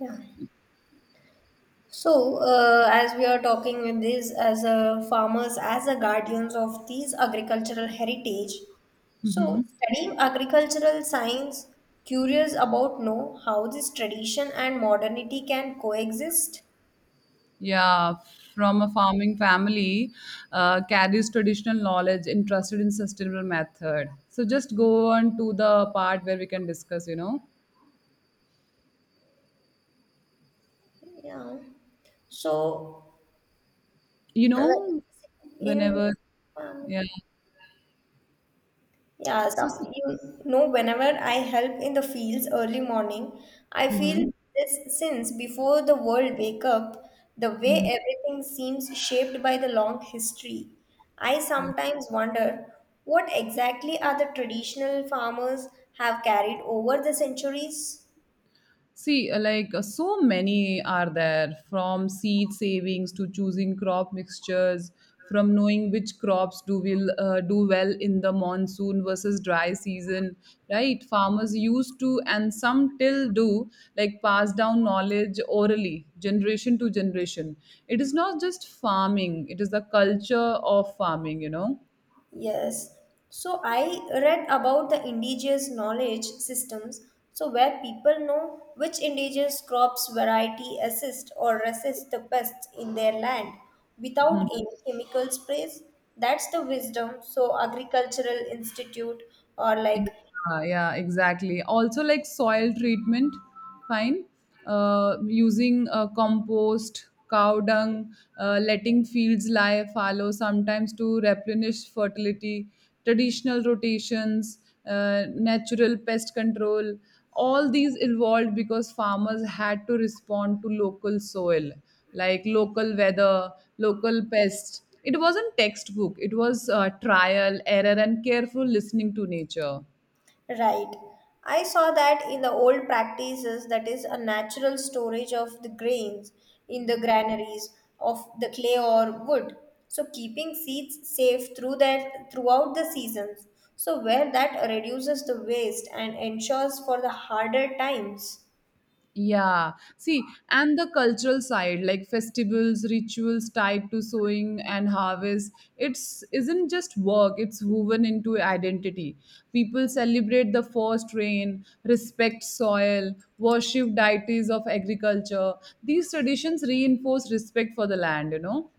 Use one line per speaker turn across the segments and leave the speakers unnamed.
Yeah. As we are talking with this as a farmers, as a guardians of these agricultural heritage, so
Mhm.
studying agricultural science, curious about know how this tradition and modernity can coexist.
Yeah, from a farming family, carries traditional knowledge interested in sustainable method. So just go on to the part where we can discuss.
Yeah. So,
You
uh,
know,
in
whenever,
um,
yeah.
Yeah,
So,
whenever I help in the fields early morning, I feel
mm-hmm,
this since before the world wake up, the way
mm-hmm,
everything seems shaped by the long history. I
yeah.
sometimes wonder what exactly are the traditional farmers have carried over the centuries?
See, like so many are there from seed savings to choosing crop mixtures, from knowing which crops do will do well in the monsoon versus dry season, right? Farmers used to and some till do like pass down knowledge orally, generation to generation. It is not just farming; it is the culture of farming.
Yes. So I read about the indigenous knowledge systems, so where people know which indigenous crops variety assist or resist the pests in their land without any chemical sprays. That's the wisdom. So agricultural institute or like.
Ah, yeah, exactly. Also, like soil treatment, fine. Using compost, cow dung, letting fields lie fallow sometimes to replenish fertility, traditional rotations, natural pest control. All these evolved because farmers had to respond to local soil, like local weather, local pests. It wasn't textbook. It was trial, error, and careful listening to nature.
Right. I saw that in the old practices, that is a natural storage of the grains in the granaries of the clay or wood. So keeping seeds safe through that throughout the seasons. So where that reduces the waste and ensures for the harder times.
Yeah. See, and the cultural side, like festivals, rituals tied to sowing and harvest, it's isn't just work, it's woven into identity. People celebrate the first rain, respect soil, worship deities of agriculture. These traditions reinforce respect for the land.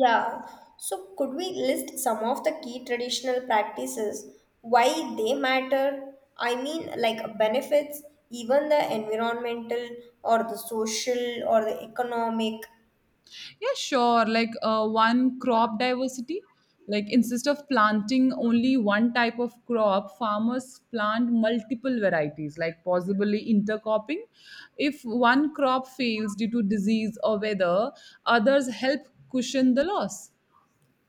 Yeah, so could we list some of the key traditional practices, why they matter? I mean, like benefits, even the environmental or the social or the economic.
Yeah, sure. Like one crop diversity. Like instead of planting only one type of crop, farmers plant multiple varieties, like possibly intercropping. If one crop fails due to disease or weather, others help cushion the loss.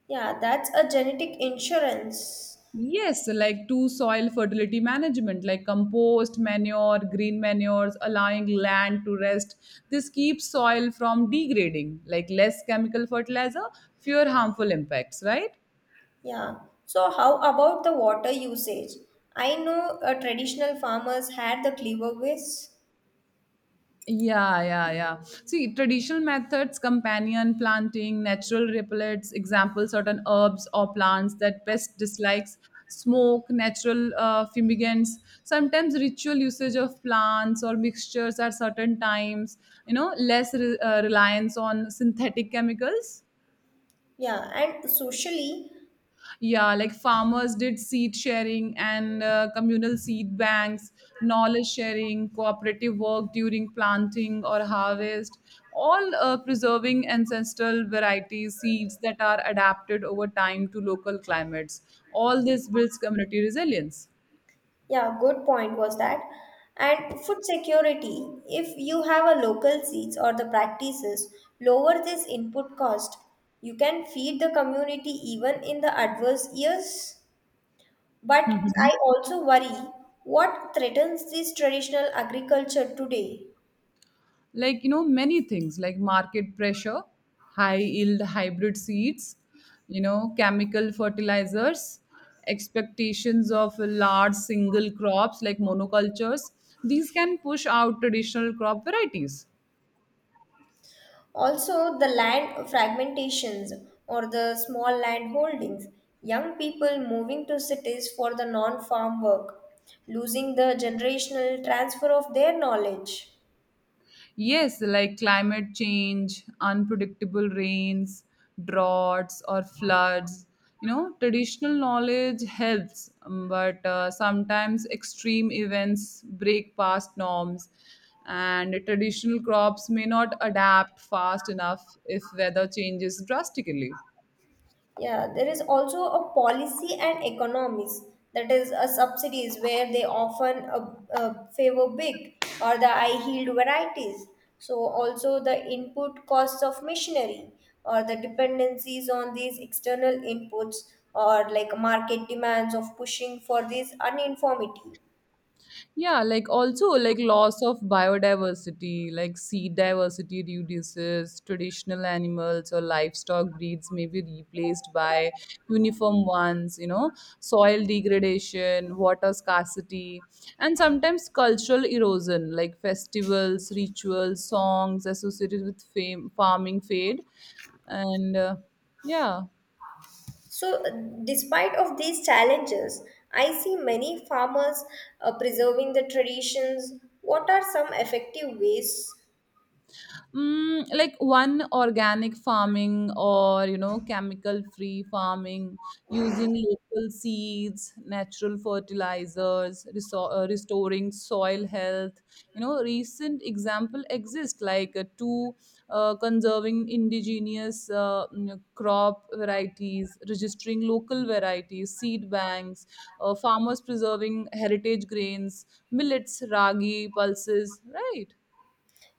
Yeah, that's a genetic insurance.
Yes, like to soil fertility management, like compost, manure, green manures, allowing land to rest. This keeps soil from degrading, like less chemical fertilizer, fewer harmful impacts, right?
Yeah, so how about the water usage? I know traditional farmers had the cleaver ways.
Yeah, yeah, yeah. See, traditional methods, companion planting, natural repellents, example, certain herbs or plants that pest dislikes, smoke, natural fumigants, sometimes ritual usage of plants or mixtures at certain times, less reliance on synthetic chemicals.
Yeah, and socially,
Yeah, like farmers did seed sharing and communal seed banks, knowledge sharing, cooperative work during planting or harvest, all preserving ancestral varieties, seeds that are adapted over time to local climates. All this builds community resilience.
yeah, good point was that. And food security, if you have a local seeds or the practices, lower this input cost. You can feed the community even in the adverse years. But I also worry what threatens this traditional agriculture today.
Like, many things like market pressure, high yield hybrid seeds, chemical fertilizers, expectations of large single crops like monocultures. These can push out traditional crop varieties.
Also, the land fragmentations or the small land holdings, young people moving to cities for the non farm work, losing the generational transfer of their knowledge.
Yes, like climate change, unpredictable rains, droughts, or floods. You know, traditional knowledge helps, but sometimes extreme events break past norms, and traditional crops may not adapt fast enough if weather changes drastically.
Yeah, there is also a policy and economies that is a subsidies where they often favor big or the high yield varieties. So also the input costs of machinery or the dependencies on these external inputs or like market demands of pushing for this uniformity.
Yeah, like also like loss of biodiversity, like seed diversity reduces, traditional animals or livestock breeds may be replaced by uniform ones, you know, soil degradation, water scarcity, and sometimes cultural erosion, like festivals, rituals, songs associated with fame, farming fade. And yeah.
So, despite of these challenges, I see many farmers preserving the traditions. What are some effective ways?
Like one organic farming or chemical free farming, using local seeds, natural fertilizers, restoring soil health. You know, recent example exist like two conserving indigenous crop varieties, registering local varieties, seed banks, farmers preserving heritage grains, millets, ragi, pulses, right?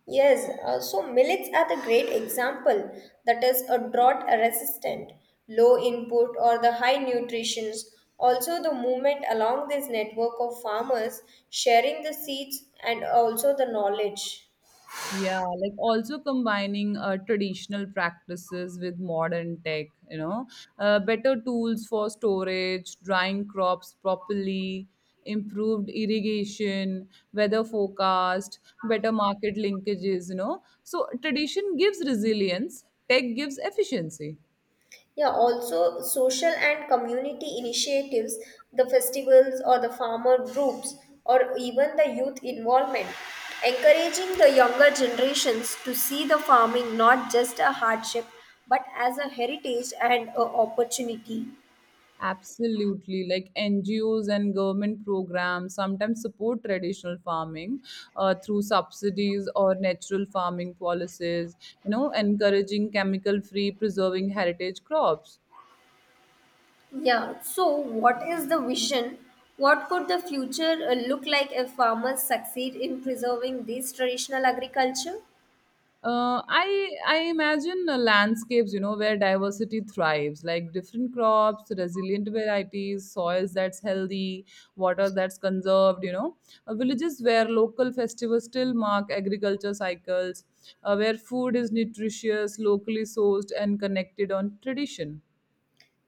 Yes, so millets are the great example that is a drought resistant, low input or the high nutritions. Also, the movement along this network of farmers sharing the seeds and also the knowledge.
Yeah, like also combining traditional practices with modern tech, you know, better tools for storage, drying crops properly, improved irrigation, weather forecast, better market linkages, you know. So tradition gives resilience, tech gives efficiency.
Yeah, also social and community initiatives, the festivals or the farmer groups, or even the youth involvement. Encouraging the younger generations to see the farming not just a hardship but as a heritage and a opportunity.
Absolutely, like NGOs and government programs sometimes support traditional farming through subsidies or natural farming policies, you know, encouraging chemical free, preserving heritage crops.
Yeah, so what is the vision? What could the future look like if farmers succeed in preserving this traditional agriculture?
I imagine landscapes, you know, where diversity thrives, like different crops, resilient varieties, soils that's healthy, water that's conserved. You know, villages where local festivals still mark agriculture cycles, where food is nutritious, locally sourced, and connected on tradition.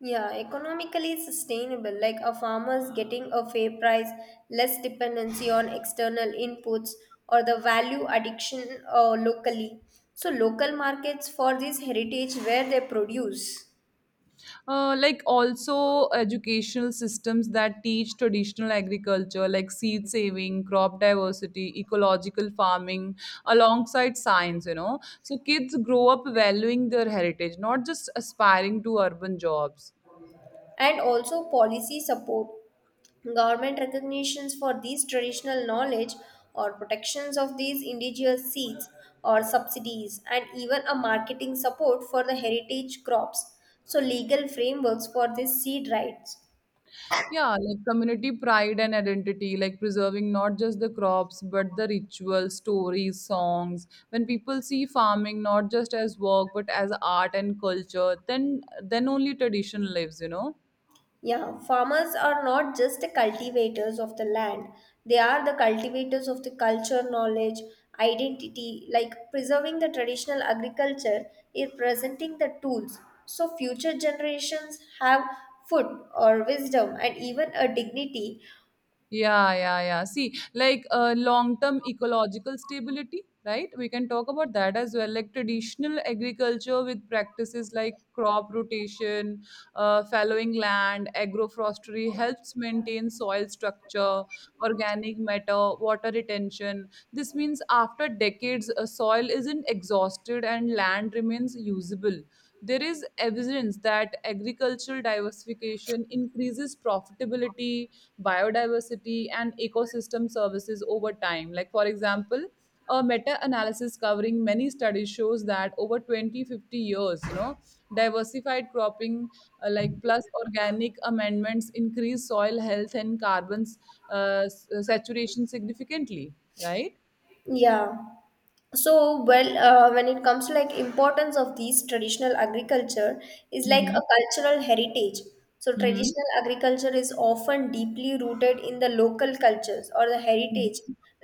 Yeah, economically sustainable, like a farmer's getting a fair price, less dependency on external inputs, or the value addiction locally. So, local markets for this heritage where they produce,
Like also educational systems that teach traditional agriculture like seed saving, crop diversity, ecological farming alongside science, you know, so kids grow up valuing their heritage, not just aspiring to urban jobs.
and also policy support, government recognitions for these traditional knowledge, or protections of these indigenous seeds, or subsidies, and even a marketing support for the heritage crops. So, legal frameworks for these seed rights.
Yeah, like community pride and identity, like preserving not just the crops but the rituals, stories, songs. When people see farming not just as work but as art and culture, then only tradition lives, you know.
Yeah, farmers are not just the cultivators of the land, they are the cultivators of the culture, knowledge, identity. Like preserving the traditional agriculture is presenting the tools so future generations have food or wisdom and even a dignity.
Yeah, yeah, yeah. See, like long-term ecological stability, right? We can talk about that as well. Like traditional agriculture with practices like crop rotation, fallowing land, agroforestry helps maintain soil structure, organic matter, water retention. This means after decades, soil isn't exhausted and land remains usable. There is evidence that agricultural diversification increases profitability, biodiversity, and ecosystem services over time. Like, for example, a meta analysis covering many studies shows that over 20-50 years, you know, diversified cropping, like plus organic amendments, increase soil health and carbon saturation significantly, right?
Yeah. So when it comes to like importance of these traditional agriculture is like
Mm-hmm.
a cultural heritage, so
Mm-hmm.
traditional agriculture is often deeply rooted in the local cultures or the heritage,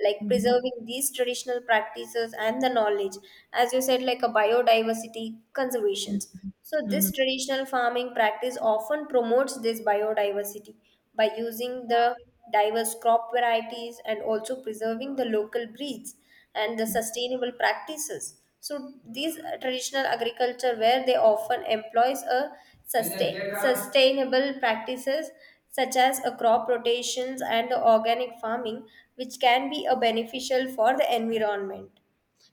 like
Mm-hmm.
preserving these traditional practices and the knowledge, as you said, like a biodiversity conservations, so
Mm-hmm.
this traditional farming practice often promotes this biodiversity by using the diverse crop varieties and also preserving the local breeds and the sustainable practices. So these traditional agriculture where they often employs a sustainable practices such as a crop rotations and the organic farming which can be a beneficial for the environment.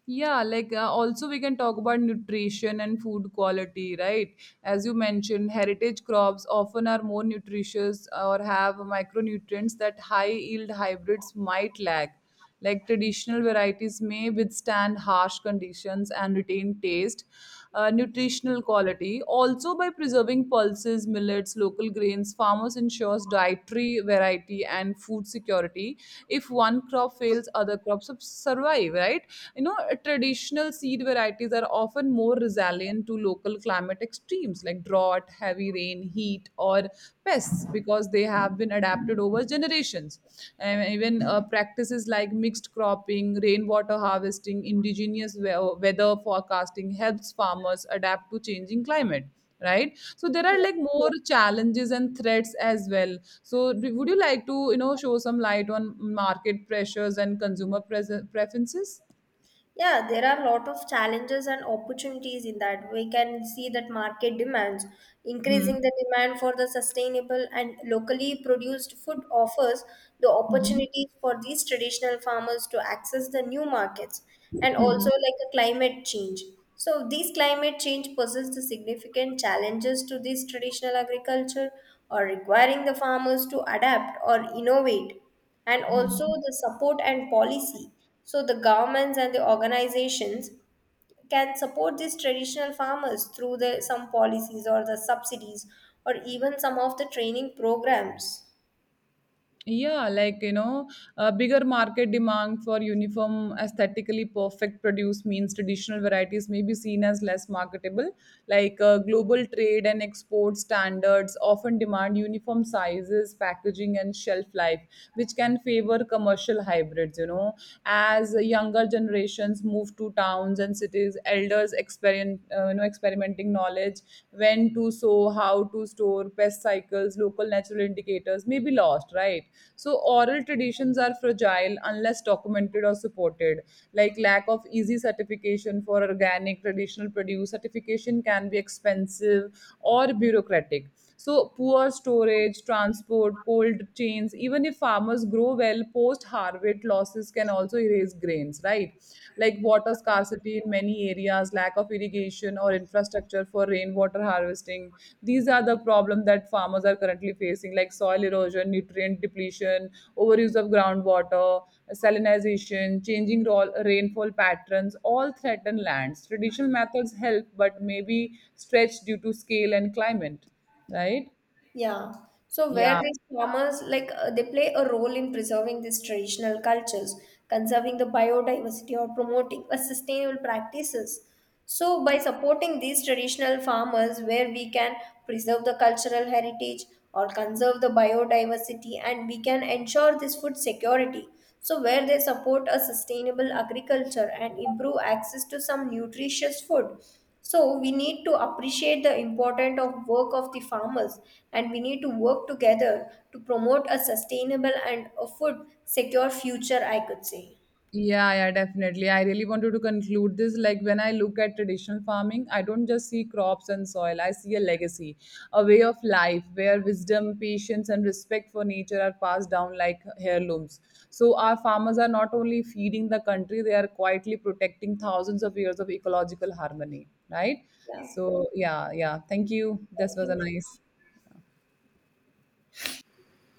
Yeah, like also we can talk about nutrition and food quality, right? As you mentioned, heritage crops often are more nutritious or have micronutrients that high yield hybrids might lack. Like traditional varieties may withstand harsh conditions and retain taste, nutritional quality. Also, by preserving pulses, millets, local grains, farmers ensures dietary variety and food security. If one crop fails, other crops survive, right? You know, traditional seed varieties are often more resilient to local climate extremes like drought, heavy rain, heat, or pests because they have been adapted over generations. And even practices like mixed cropping, rainwater harvesting, indigenous weather forecasting helps farmers adapt to changing climate, right? So there are like more challenges and threats as well. So do, would you like to show some light on market pressures and consumer preferences?
Yeah, there are a lot of challenges and opportunities in that. We can see that market demands,
Hmm,
increasing the demand for the sustainable and locally produced food offers the
hmm, hmm,
opportunities for these traditional farmers to access the new markets, and
hmm.
also like a climate change. So these climate change poses the significant challenges to this traditional agriculture or requiring the farmers to adapt or innovate, and also the support and policy. So the governments and the organizations can support these traditional farmers through the some policies or the subsidies or even some of the training programs.
Yeah, like you know, a bigger market demand for uniform, aesthetically perfect produce means traditional varieties may be seen as less marketable. Like global trade and export standards often demand uniform sizes, packaging, and shelf life, which can favor commercial hybrids. You know, as younger generations move to towns and cities, elders experiment, experimenting cultivating knowledge, when to sow, how to store, pest cycles, local natural indicators may be lost, right? So, oral traditions are fragile unless documented or supported. Like lack of easy certification for organic traditional produce, certification can be expensive or bureaucratic. So, poor storage, transport, cold chains, even if farmers grow well, post harvest losses can also erase grains, right? Like water scarcity in many areas, lack of irrigation or infrastructure for rainwater harvesting. These are the problems that farmers are currently facing, like soil erosion, nutrient depletion, overuse of groundwater, salinization, changing rainfall patterns, all threaten lands. Traditional methods help, but may be stretched due to scale and climate, right?
Yeah. So where
Yeah.
these farmers like they play a role in preserving these traditional cultures, conserving the biodiversity or promoting a sustainable practices. So by supporting these traditional farmers where we can preserve the cultural heritage or conserve the biodiversity and we can ensure this food security, so where they support a sustainable agriculture and improve access to some nutritious food, so we need to appreciate the importance of work of the farmers and we need to work together to promote a sustainable and a food secure future, I could say.
Yeah, yeah, definitely. I really wanted to conclude this. Like, when I look at traditional farming, I don't just see crops and soil, I see a legacy, a way of life where wisdom, patience, and respect for nature are passed down like heirlooms. So, our farmers are not only feeding the country, they are quietly protecting thousands of years of ecological harmony, right?
Yeah,
So, yeah, yeah. Thank you. This
thank
was a
you.
nice.